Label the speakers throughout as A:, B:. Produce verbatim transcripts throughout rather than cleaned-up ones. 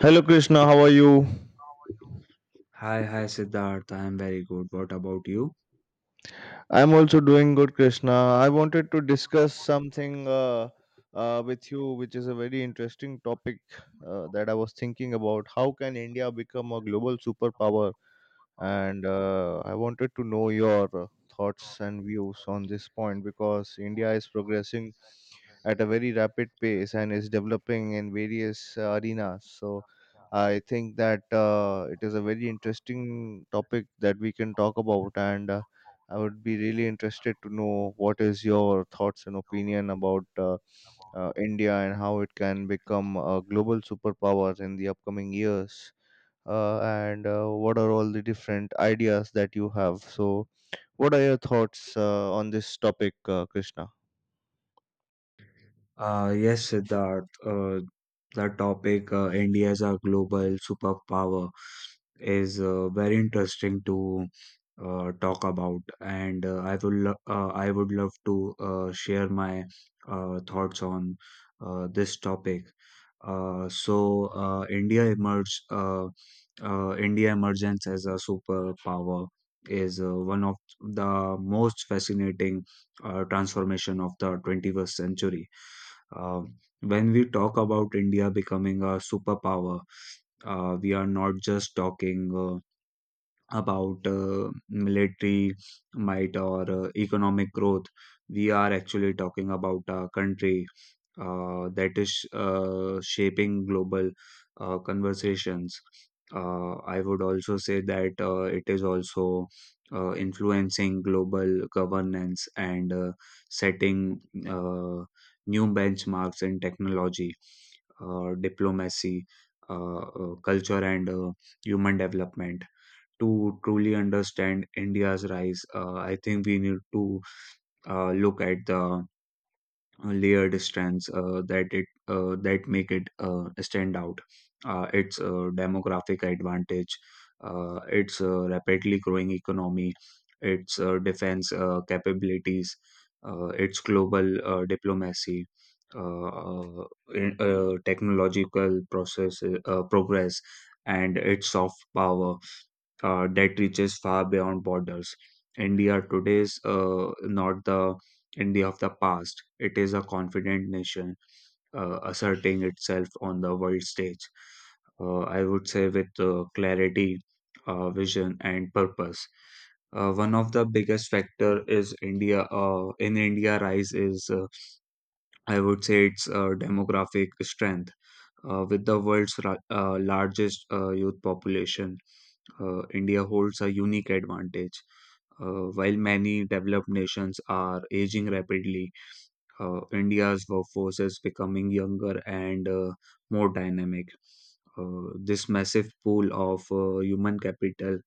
A: Hello Krishna, how are you?
B: Hi, hi Siddharth. I am very good. What about you?
A: I'm also doing good, Krishna. I wanted to discuss something uh, uh, with you, which is a very interesting topic uh, that I was thinking about. How can India become a global superpower? And uh, I wanted to know your uh, thoughts and views on this point because India is progressing at a very rapid pace and is developing in various uh, arenas. So I think that uh, it is a very interesting topic that we can talk about, and uh, I would be really interested to know what is your thoughts and opinion about uh, uh, India and how it can become a global superpower in the upcoming years uh, and uh, what are all the different ideas that you have, so what are your thoughts uh, on this topic uh, krishna
B: Uh, yes, Siddharth. Uh, the topic uh, India as a global superpower is uh, very interesting to uh, talk about, and uh, I will lo- uh, I would love to uh, share my uh, thoughts on uh, this topic. Uh, so uh, India emerge uh, uh, India emergence as a superpower is uh, one of the most fascinating uh, transformation of the twenty-first century. Uh, when we talk about India becoming a superpower, uh, we are not just talking Uh, about uh, military might or uh, economic growth. We are actually talking about a country uh, that is uh, shaping global uh, conversations. Uh, I would also say that uh, it is also uh, influencing global governance and uh, setting uh, new benchmarks in technology, uh, diplomacy, uh, uh, culture, and uh, human development to truly understand India's rise. Uh, I think we need to uh, look at the uh, layered strands uh, that it uh, that make it uh, stand out. Uh, its uh, demographic advantage, uh, its uh, rapidly growing economy, its uh, defense uh, capabilities, uh, its global uh, diplomacy. Uh, uh, in- uh, Technological process uh, progress and its soft power uh, that reaches far beyond borders. India today is uh, not the India of the past. It is a confident nation uh, asserting itself on the world stage Uh, I would say with uh, clarity, uh, vision, and purpose. Uh, one of the biggest factor is India. Uh, in India, rise is uh, I would say its uh, demographic strength. Uh, with the world's ra- uh, largest uh, youth population, uh, India holds a unique advantage. Uh, while many developed nations are aging rapidly, uh, India's workforce is becoming younger and uh, more dynamic. Uh, this massive pool of uh, human capital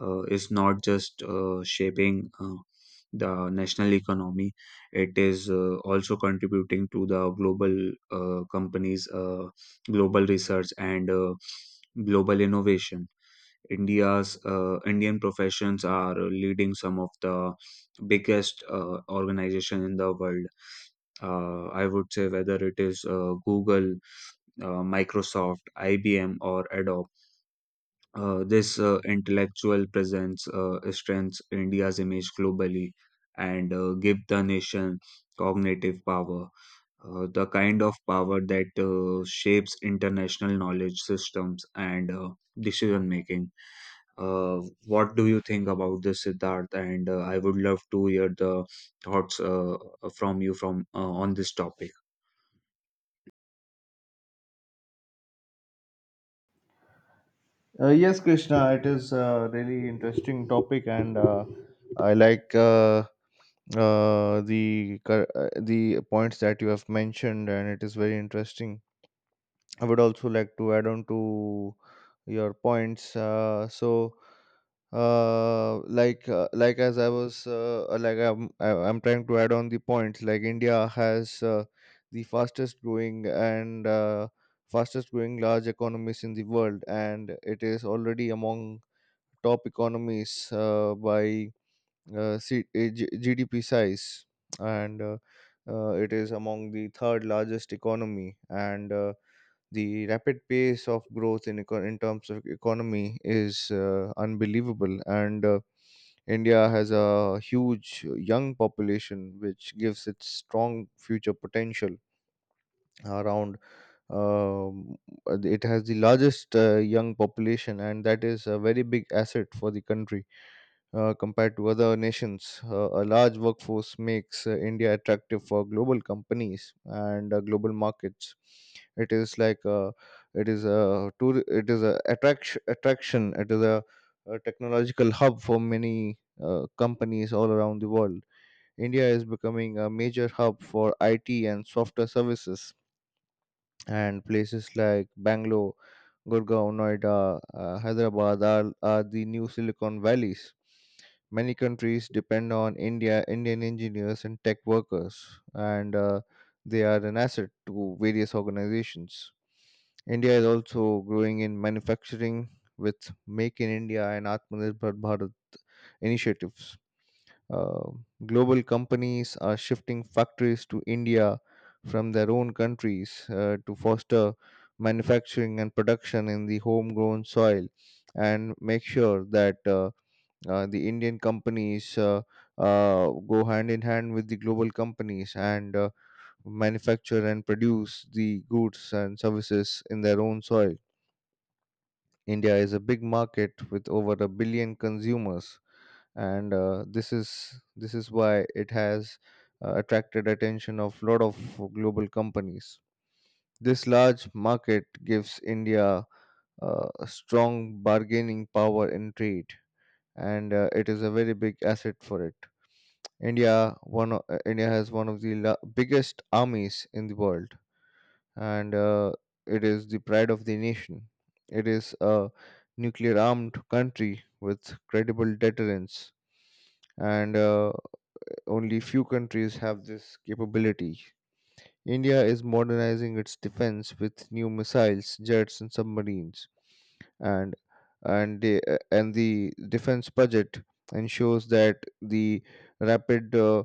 B: uh, is not just uh, shaping uh, the national economy, it is uh, also contributing to the global uh, companies, uh, global research, and uh, global innovation. India's uh, Indian professions are leading some of the biggest uh, organization in the world. Uh, I would say whether it is uh, Google, uh, Microsoft, I B M, or Adobe. Uh, this uh, intellectual presence uh, strengthens India's image globally and uh, give the nation cognitive power, uh, the kind of power that uh, shapes international knowledge systems and uh, decision making. Uh, what do you think about this, Siddharth? And uh, I would love to hear the thoughts uh, from you from uh, on this topic.
A: Uh, yes, Krishna, it is a really interesting topic, and uh, I like uh, uh, the cur- uh, the points that you have mentioned, and it is very interesting. I would also like to add on to your points. Uh, so, uh, like uh, like as I was uh, uh, like I'm I- I'm trying to add on the points. Like India has uh, the fastest growing and uh, fastest growing large economies in the world, and it is already among top economies uh, by uh, C- uh, G- GDP size, and uh, uh, it is among the third largest economy. And. Uh, the rapid pace of growth in eco- in terms of economy is uh, unbelievable, and uh, india has a huge young population which gives it strong future potential around. um, it has the largest uh, young population and that is a very big asset for the country uh, compared to other nations. Uh, a large workforce makes uh, India attractive for global companies and uh, global markets. It is like uh, it is a tour, it is a attraction attraction. It is a, a technological hub for many uh, companies all around the world. India is becoming a major hub for I T and software services, and places like Bangalore, Gurgaon, Noida, uh, Hyderabad are, are the new Silicon Valleys. Many countries depend on India, Indian engineers and tech workers, and uh, they are an asset to various organizations. India is also growing in manufacturing with Make in India and Atmanirbhar Bharat initiatives. Uh, Global companies are shifting factories to India from their own countries uh, to foster manufacturing and production in the homegrown soil and make sure that uh, uh, the Indian companies uh, uh, go hand in hand with the global companies and uh, manufacture and produce the goods and services in their own soil. India is a big market with over a billion consumers, and uh, this is this is why it has uh, attracted attention of lot of global companies. This large market gives india uh, a strong bargaining power in trade, and uh, it is a very big asset for it. india one o- uh, india has one of the la- biggest armies in the world, and uh, it is the pride of the nation. It is a nuclear armed country with credible deterrence, and uh, only few countries have this capability. India is modernizing its defense with new missiles, jets, and submarines, and and the, and the defense budget ensures that the rapid uh, uh,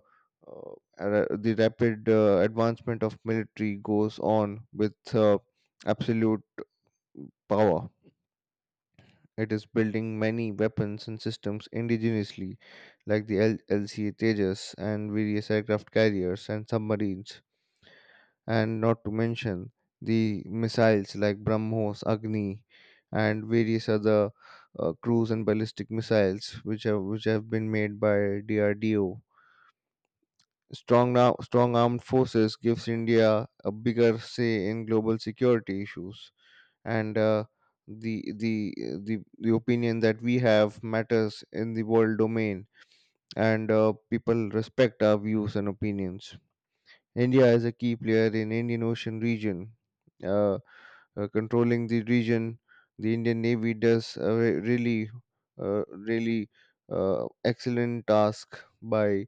A: ra- the rapid uh, advancement of military goes on with uh, absolute power. It is building many weapons and systems indigenously, like the L- LCA Tejas and various aircraft carriers and submarines, and not to mention the missiles like BrahMos, Agni, and various other uh, cruise and ballistic missiles, which have which have been made by D R D O. Strong now, strong armed forces gives India a bigger say in global security issues, and uh, the the the the opinion that we have matters in the world domain, and uh, people respect our views and opinions. India is a key player in Indian Ocean region. Uh, uh, Controlling the region, the Indian Navy does a re- really, uh, really uh, excellent task by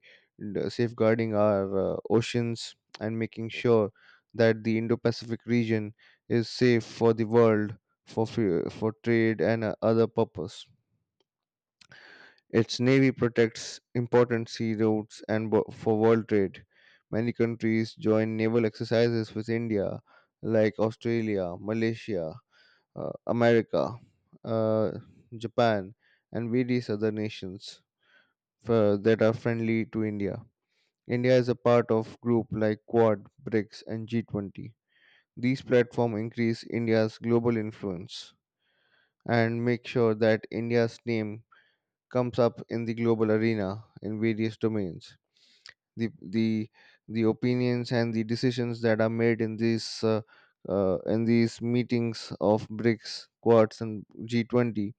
A: d- safeguarding our uh, oceans and making sure that the Indo-Pacific region is safe for the world for fu- for trade and uh, other purpose. Its navy protects important sea routes and wo- for world trade. Many countries join naval exercises with India, like Australia, Malaysia, uh, America, uh, Japan, and various other nations for, that are friendly to India. India is a part of group like Quad, BRICS, and G twenty. These platforms increase India's global influence and make sure that India's name comes up in the global arena in various domains. The, the, the opinions and the decisions that are made in these uh, uh, in these meetings of BRICS, Quads, and G twenty,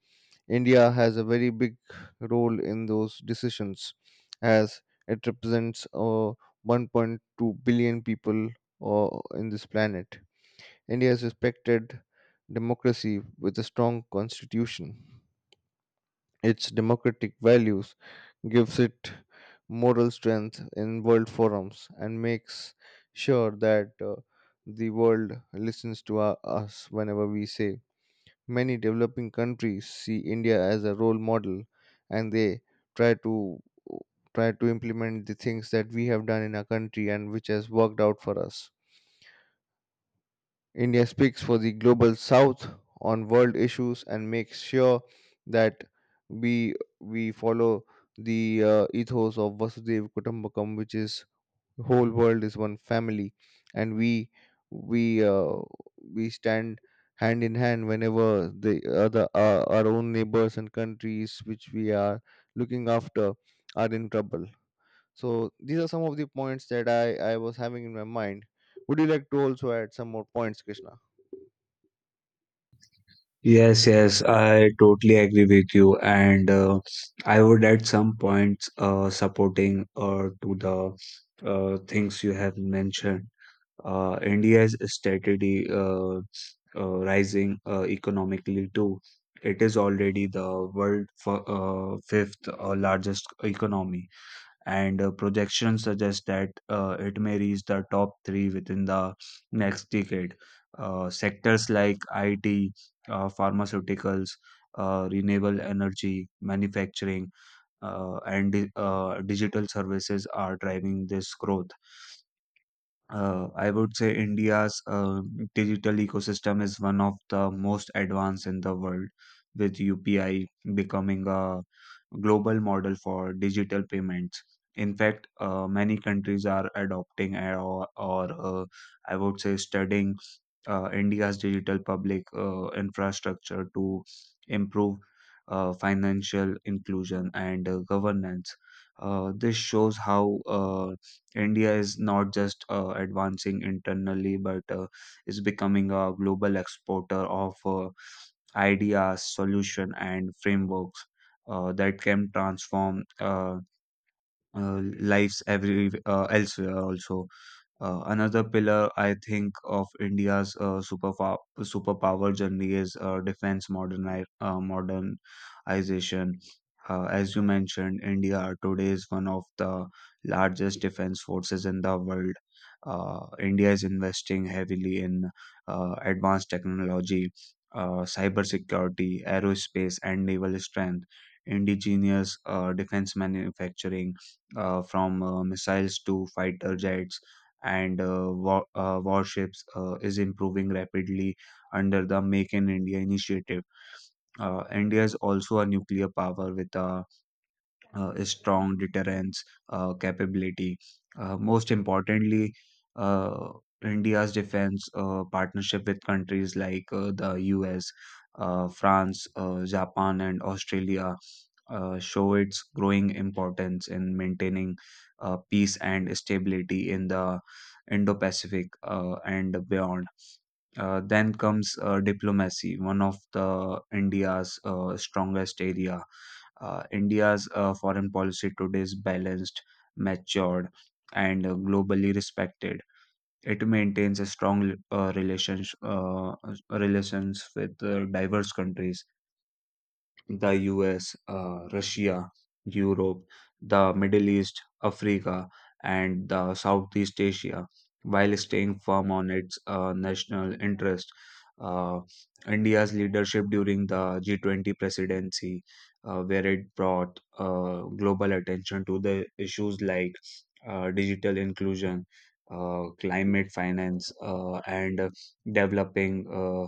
A: India has a very big role in those decisions as it represents uh, one point two billion people uh, in this planet. India is respected democracy with a strong constitution. Its democratic values gives it moral strength in world forums and makes sure that uh, the world listens to our, us whenever we say. Many developing countries see India as a role model, and they try to try to implement the things that we have done in our country and which has worked out for us. India speaks for the global south on world issues and makes sure that we we follow the uh, ethos of Vasudev Kutumbakam, which is whole world is one family, and we we uh, we stand hand in hand whenever the other uh, our own neighbors and countries which we are looking after are in trouble. So these are some of the points that I, I was having in my mind. Would you like to also add some more points, Krishna?
B: Yes, yes, I totally agree with you, and uh, I would at some points uh, supporting uh, to the uh, things you have mentioned. Uh, India's steadily uh, uh, rising uh, economically too. It is already the world f uh, fifth uh, largest economy, and uh, projections suggest that uh, it may reach the top three within the next decade. Uh, sectors like I T, uh, pharmaceuticals, uh, renewable energy, manufacturing, uh, and di- uh, digital services are driving this growth. Uh, I would say India's uh, digital ecosystem is one of the most advanced in the world, with U P I becoming a global model for digital payments. In fact, uh, many countries are adopting or, or uh, I would say studying uh, India's digital public uh, infrastructure to improve uh, financial inclusion and uh, governance. Uh, this shows how uh, India is not just uh, advancing internally, but uh, is becoming a global exporter of uh, ideas, solution, and frameworks uh, that can transform uh, uh, lives every uh, elsewhere also. Uh, another pillar I think of India's uh, superpower superpower journey is uh, defense moderni uh, modernization. Uh, as you mentioned, India today is one of the largest defense forces in the world. Uh, India is investing heavily in uh, advanced technology, uh, cybersecurity, aerospace, and naval strength. Indigenous uh, defense manufacturing, uh, from uh, missiles to fighter jets and uh, wa- uh, warships uh, is improving rapidly under the Make in India initiative. Uh, India is also a nuclear power with a uh strong deterrence uh, capability. Uh, most importantly, uh, India's defense uh, partnership with countries like uh, the U S, uh, France, uh, Japan, and Australia uh, show its growing importance in maintaining uh, peace and stability in the Indo Pacific uh, and beyond. Uh, then comes uh, diplomacy, one of the India's uh, strongest area. Uh, India's uh, foreign policy today is balanced, matured, and uh, globally respected. It maintains a strong uh, relations uh, relations with uh, diverse countries, the U S, uh, Russia, Europe, the Middle East, Africa, and the Southeast Asia, while staying firm on its uh, national interest. Uh, India's leadership during the G twenty presidency, uh, where it brought uh, global attention to the issues like uh, digital inclusion, uh, climate finance, uh, and uh, developing uh,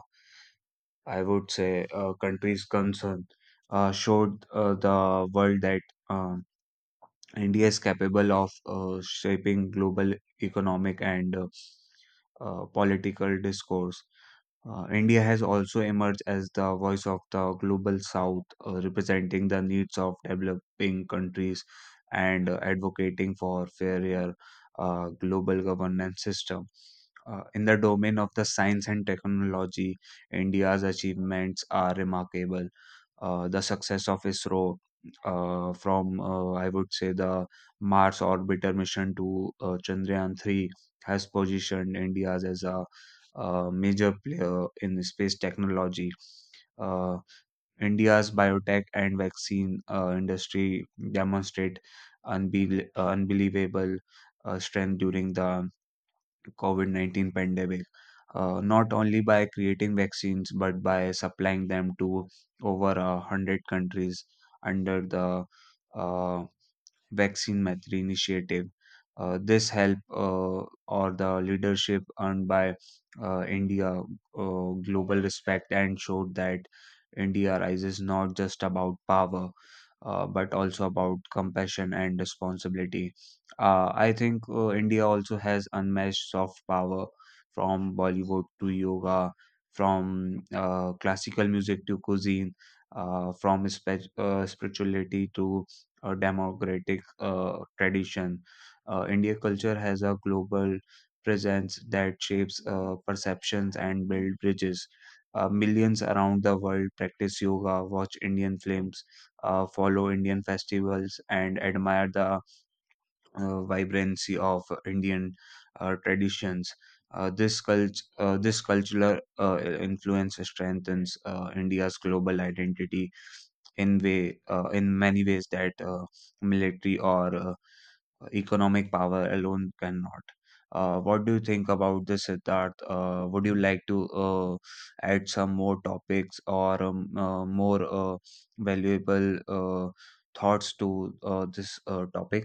B: I would say, uh, countries concerned uh, showed uh, the world that uh, India is capable of uh, shaping global economic and uh, uh, political discourse. Uh, India has also emerged as the voice of the global south, uh, representing the needs of developing countries and uh, advocating for fairer uh, global governance system. Uh, in the domain of the science and technology, India's achievements are remarkable. Uh, the success of ISRO, uh, from uh, I would say the Mars orbiter mission to uh, Chandrayaan three, has positioned India as a a major player in space technology. Uh, India's biotech and vaccine uh, industry demonstrate unbel- uh, unbelievable uh, strength during the COVID nineteen pandemic, uh, not only by creating vaccines but by supplying them to over a hundred countries under the uh, vaccine matter initiative. Uh, this help uh, or the leadership earned by uh, India uh, global respect and showed that India rises not just about power uh, but also about compassion and responsibility. Uh, I think uh, India also has unmatched soft power, from Bollywood to yoga, from uh, classical music to cuisine, uh, from spe- uh, spirituality to uh, democratic uh, tradition. Uh, India culture has a global presence that shapes uh, perceptions and build bridges. Uh, millions around the world practice yoga, watch Indian films, uh, follow Indian festivals, and admire the uh, vibrancy of Indian uh, traditions. Uh, this cult, uh, this cultural uh, influence strengthens uh, India's global identity in way uh, in many ways that uh, military or uh, economic power alone cannot. Uh, what do you think about this, Siddharth? Uh, would you like to uh, add some more topics or um, uh, more uh, valuable uh, thoughts to uh, this uh, topic?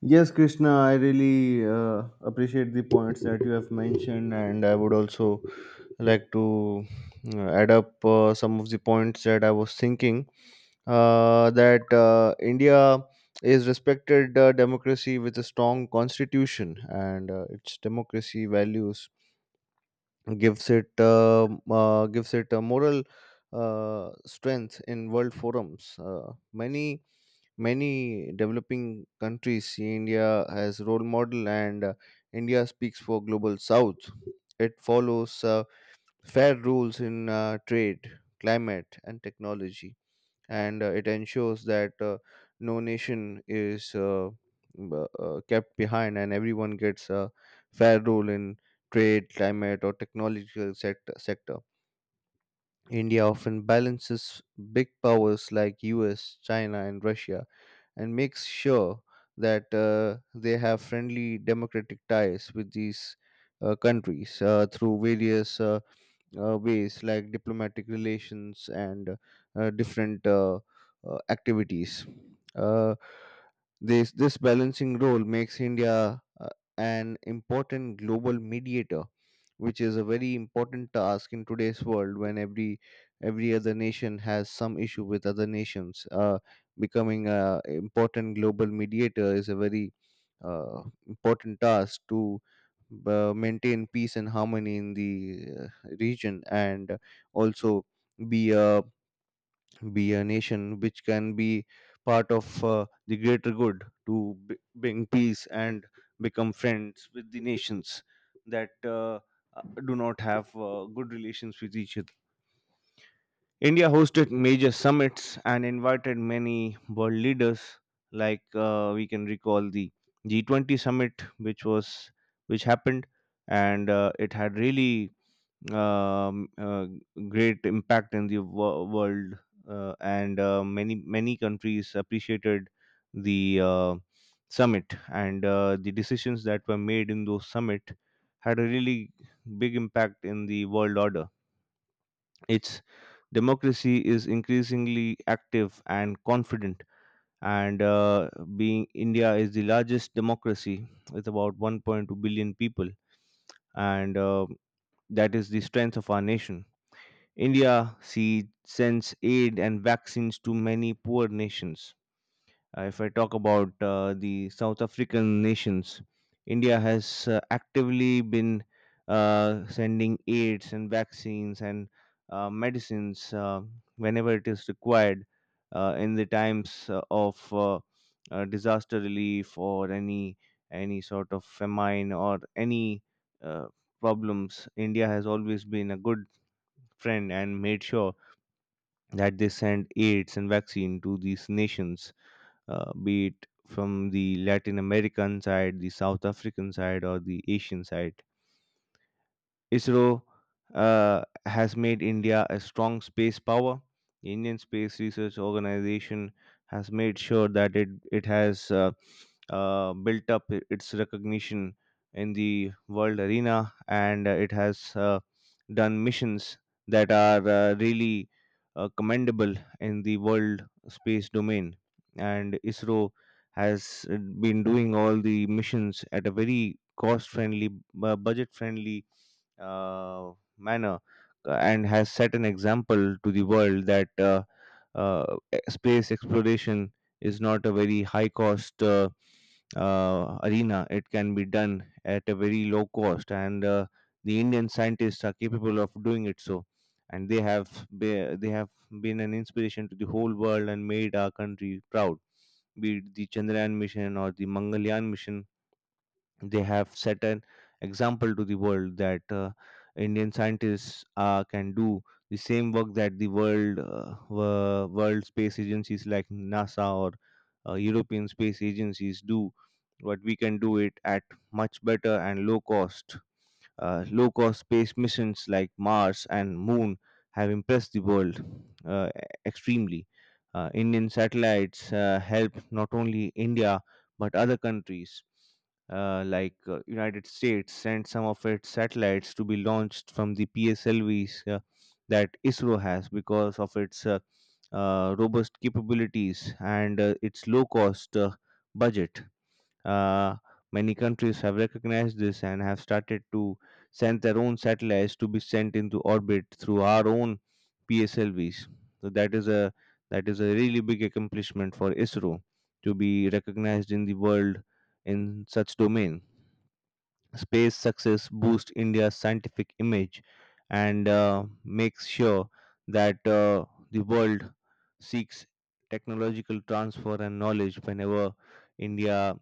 A: Yes, Krishna, I really uh, appreciate the points that you have mentioned, and I would also like to uh, add up uh, some of the points that I was thinking uh, that uh, India is respected uh, democracy with a strong constitution, and uh, its democracy values gives it uh, uh, gives it a moral uh, strength in world forums. Uh, many many developing countries see India as role model, and uh, India speaks for global South. It follows uh, fair rules in uh, trade, climate, and technology, and uh, it ensures that uh, no nation is uh, b- uh, kept behind, and everyone gets a fair role in trade, climate, or technological sector. sector. India often balances big powers like U S, China, and Russia, and makes sure that uh, they have friendly democratic ties with these uh, countries uh, through various Uh, uh, ways like diplomatic relations and uh, different uh, uh, activities. Uh, this this balancing role makes India uh, an important global mediator, which is a very important task in today's world when every every other nation has some issue with other nations. Uh, becoming a important global mediator is a very uh, important task to uh, maintain peace and harmony in the uh, region and also be a be a nation which can be part of uh, the greater good to b- bring peace and become friends with the nations that uh, uh, do not have uh, good relations with each other. India hosted major summits and invited many world leaders, like uh, we can recall the G twenty summit, which was which happened, and uh, it had really um, uh, great impact in the wo- world, uh, and uh, many many countries appreciated the uh, summit, and uh, the decisions that were made in those summit had a really big impact in the world order. Its democracy is increasingly active and confident, and uh, being india is the largest democracy with about one point two billion people, and uh, that is the strength of our nation. India see, sends aid and vaccines to many poor nations. Uh, if I talk about uh, the South African nations, India has uh, actively been uh, sending aids and vaccines and uh, medicines uh, whenever it is required uh, in the times uh, of uh, uh, disaster relief or any any sort of famine or any uh, problems. India has always been a good friend and made sure that they send aids and vaccine to these nations, uh, be it from the Latin American side, the South African side, or the Asian side. ISRO uh, has made India a strong space power. The Indian Space Research Organization has made sure that it it has uh, uh, built up i- its recognition in the world arena, and uh, it has uh, done missions that are uh, really uh, commendable in the world space domain. And ISRO has uh, been doing all the missions at a very cost-friendly, uh, budget-friendly uh, manner, uh, and has set an example to the world that uh, uh, e- space exploration is not a very high cost uh, uh, arena. It can be done at a very low cost, and uh, the Indian scientists are capable of doing it. So, and they have be, they have been an inspiration to the whole world and made our country proud. Be it the Chandrayaan mission or the Mangalyaan mission, they have set an example to the world that uh, Indian scientists uh, can do the same work that the world uh, wo- world space agencies like NASA or uh, European space agencies do. But we can do it at much better and low cost uh, low cost space missions like Mars and Moon have impressed the world uh, e-, extremely. Uh, Indian satellites uh, help not only India but other countries, uh, like uh, United States sent some of its satellites to be launched from the P S L Vs uh, that I S R O has because of its uh, uh, robust capabilities and uh, its low cost uh, budget. Uh, Many countries have recognized this and have started to send their own satellites to be sent into orbit through our own P S L Vs. So that is a that is a really big accomplishment for I S R O to be recognized in the world in such domain. Space success boosts India's scientific image and uh, makes sure that uh, the world seeks technological transfer and knowledge whenever India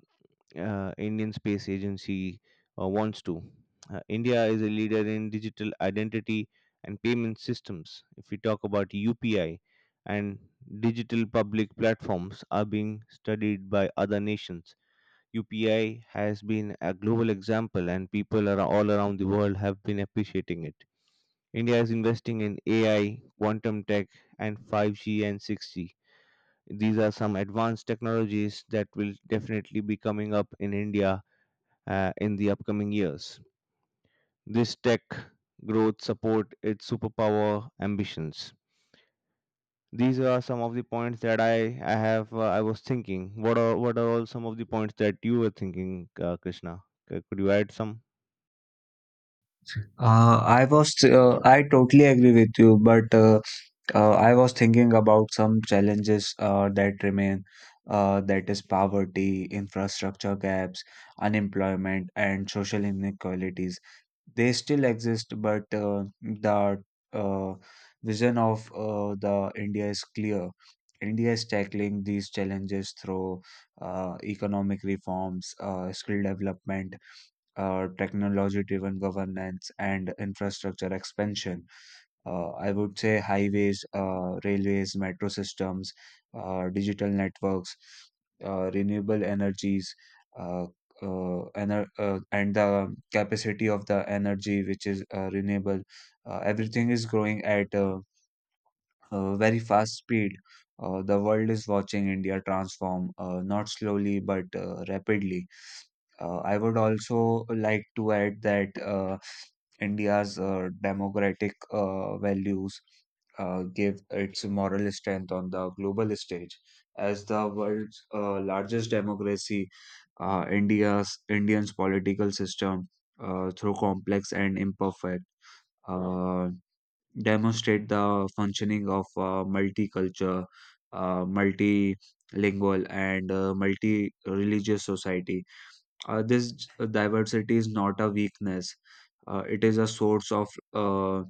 A: uh, Indian Space Agency uh, wants to. Uh, India is a leader in digital identity and payment systems. If we talk about U P I and digital public platforms are being studied by other nations. U P I has been a global example and people are all around the world have been appreciating it. India is investing in A I, quantum tech and five G and six G. These are some advanced technologies that will definitely be coming up in India uh, in the upcoming years. This tech growth support its superpower ambitions. These are some of the points that I, I have uh, I was thinking. What are what are all some of the points that you were thinking, uh, Krishna? C- Could you add some?
B: Uh, I was, uh, I totally agree with you, but uh, uh, I was thinking about some challenges uh, that remain, uh, that is poverty, infrastructure gaps, unemployment, and social inequalities. They still exist, but uh, the uh, vision of uh, the India is clear. India is tackling these challenges through uh, economic reforms, uh, skill development, uh, technology driven governance and infrastructure expansion. Uh, I would say highways, uh, railways, metro systems, uh, digital networks, uh, renewable energies, uh, uh, ener uh, and the capacity of the energy which is uh, renewable. Uh, everything is growing at a, a very fast speed. Uh, the world is watching India transform, uh, not slowly but uh, rapidly. Uh, I would also like to add that uh, India's uh, democratic uh, values uh, give its moral strength on the global stage. As the world's uh, largest democracy, uh, India's Indian's political system, uh, through complex and imperfect, uh, demonstrate the functioning of uh, multicultural, uh, multilingual, and uh, multi-religious society. Uh, this diversity is not a weakness, uh, it is a source of uh,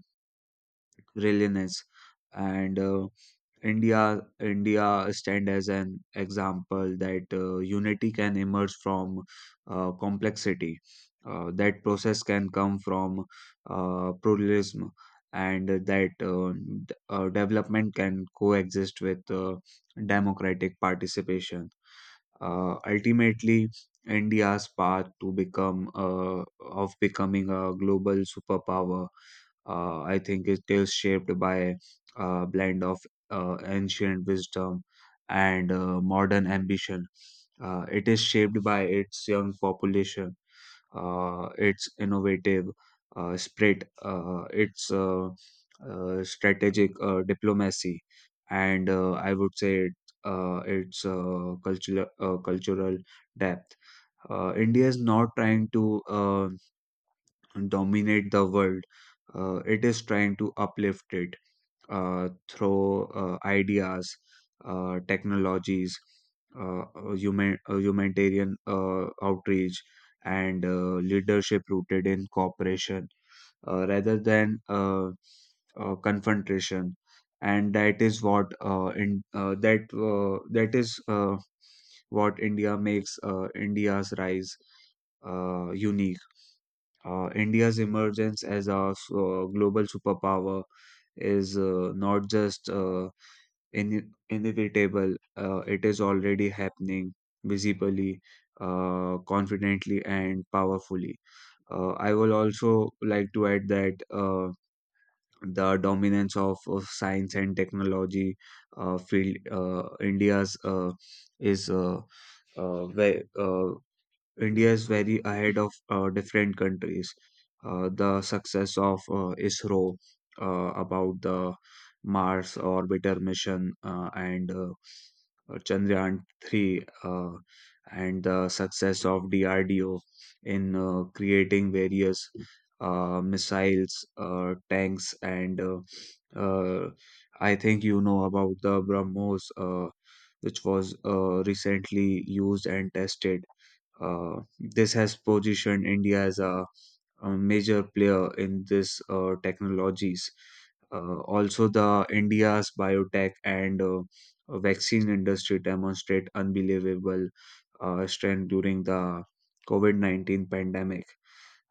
B: resilience. And uh, India, India stand as an example that uh, unity can emerge from uh, complexity. Uh, that process can come from uh, pluralism, and that uh, d- uh, development can coexist with uh, democratic participation. Uh, ultimately, India's path to become uh, of becoming a global superpower, uh, I think, is still shaped by a blend of uh, ancient wisdom and uh, modern ambition. Uh, it is shaped by its young population, uh, its innovative uh, spread, uh, its uh, uh, strategic uh, diplomacy, and uh, I would say uh, its uh, cultural uh, cultural depth. Uh, India is not trying to uh, dominate the world. Uh, it is trying to uplift it uh, through uh, ideas, uh, technologies, uh, uh, human, uh, humanitarian uh, outreach, and uh, leadership rooted in cooperation uh, rather than uh, uh, confrontation. And that is what uh, in uh, that uh, that is uh, what India makes uh, India's rise uh, unique. Uh, India's emergence as a s- uh, global superpower is uh, not just uh, in- inevitable, uh, it is already happening visibly, uh, confidently, and powerfully. Uh, I will also like to add that uh, the dominance of, of science and technology uh, field, uh, India's uh, is uh, uh, ve- uh, India is very ahead of uh, different countries. Uh, the success of uh, ISRO uh, about the Mars orbiter mission uh, and uh, uh, Chandrayaan three uh, and the success of D R D O in uh, creating various uh, missiles, uh, tanks, and uh, uh, I think you know about the BrahMos, uh, which was uh, recently used and tested. Uh, this has positioned India as a, a major player in this uh, technologies. Uh, also, the India's biotech and uh, vaccine industry demonstrate unbelievable uh, strength during the COVID nineteen pandemic.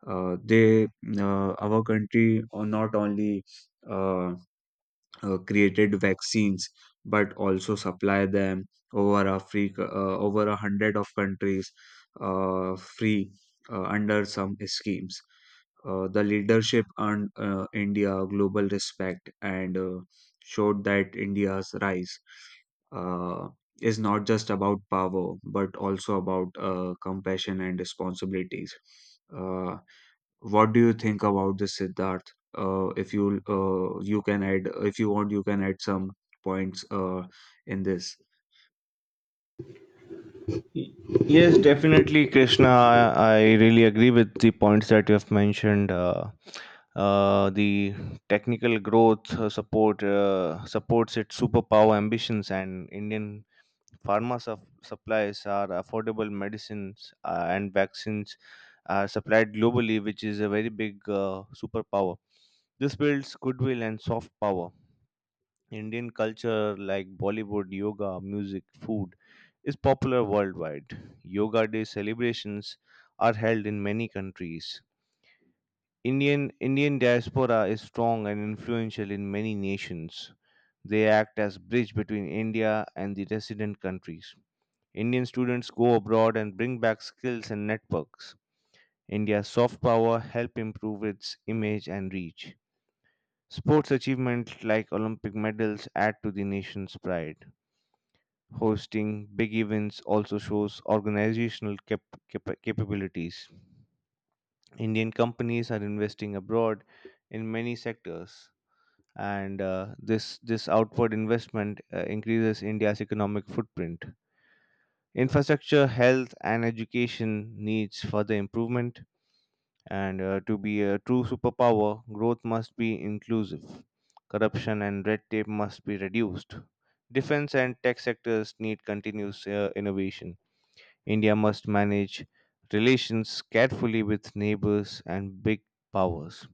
B: Uh, they, uh, our country, uh, not only. Uh, uh, created vaccines but also supply them over Africa, uh, over a hundred of countries uh, free uh, under some schemes. Uh, the leadership earned uh, India global respect and uh, showed that India's rise uh, is not just about power but also about uh, compassion and responsibilities. Uh, what do you think about this, Siddharth? Uh, if you uh, you can add, if you want, you can add some points uh, in this.
A: Y- Yes, definitely, Krishna. I, I really agree with the points that you have mentioned. Uh, uh, the technical growth uh, support uh, supports its superpower ambitions, and Indian Pharma sup- supplies are affordable medicines uh, and vaccines are supplied globally, which is a very big uh, superpower. This builds goodwill and soft power. Indian culture like Bollywood, yoga, music, food is popular worldwide. Yoga Day celebrations are held in many countries. Indian Indian diaspora is strong and influential in many nations. They act as bridge between India and the resident countries. Indian students go abroad and bring back skills and networks. India's soft power help improve its image and reach. Sports achievements like Olympic medals add to the nation's pride. Hosting big events also shows organizational cap- cap- capabilities. Indian companies are investing abroad in many sectors, and uh, this this outward investment uh, increases India's economic footprint. Infrastructure, health, and education needs further improvement. And uh, to be a true superpower, growth must be inclusive. Corruption and red tape must be reduced. Defense and tech sectors need continuous uh, innovation. India must manage relations carefully with neighbors and big powers.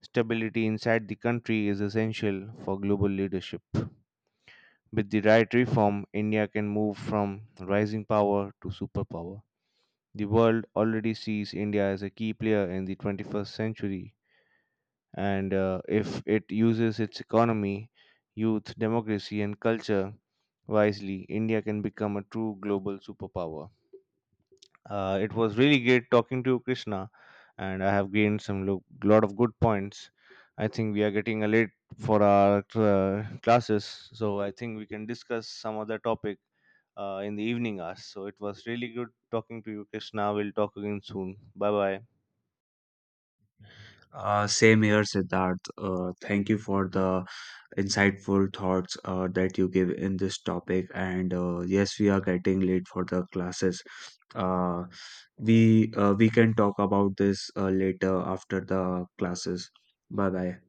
A: Stability inside the country is essential for global leadership. With the right reform, India can move from rising power to superpower. The world already sees India as a key player in the twenty-first century, and uh, if it uses its economy, youth, democracy, and culture wisely, India can become a true global superpower. Uh, it was really great talking to you, Krishna, and I have gained some lo- lot of good points. I think we are getting a late for our uh, classes, so I think we can discuss some other topic uh, in the evening hours. So it was really good talking to you, Krishna. We'll talk again soon. Bye bye.
B: Uh, same here, Siddharth. Uh, thank you for the insightful thoughts uh, that you give in this topic. And uh, yes, we are getting late for the classes. Uh, we uh, we can talk about this uh, later after the classes. Bye bye.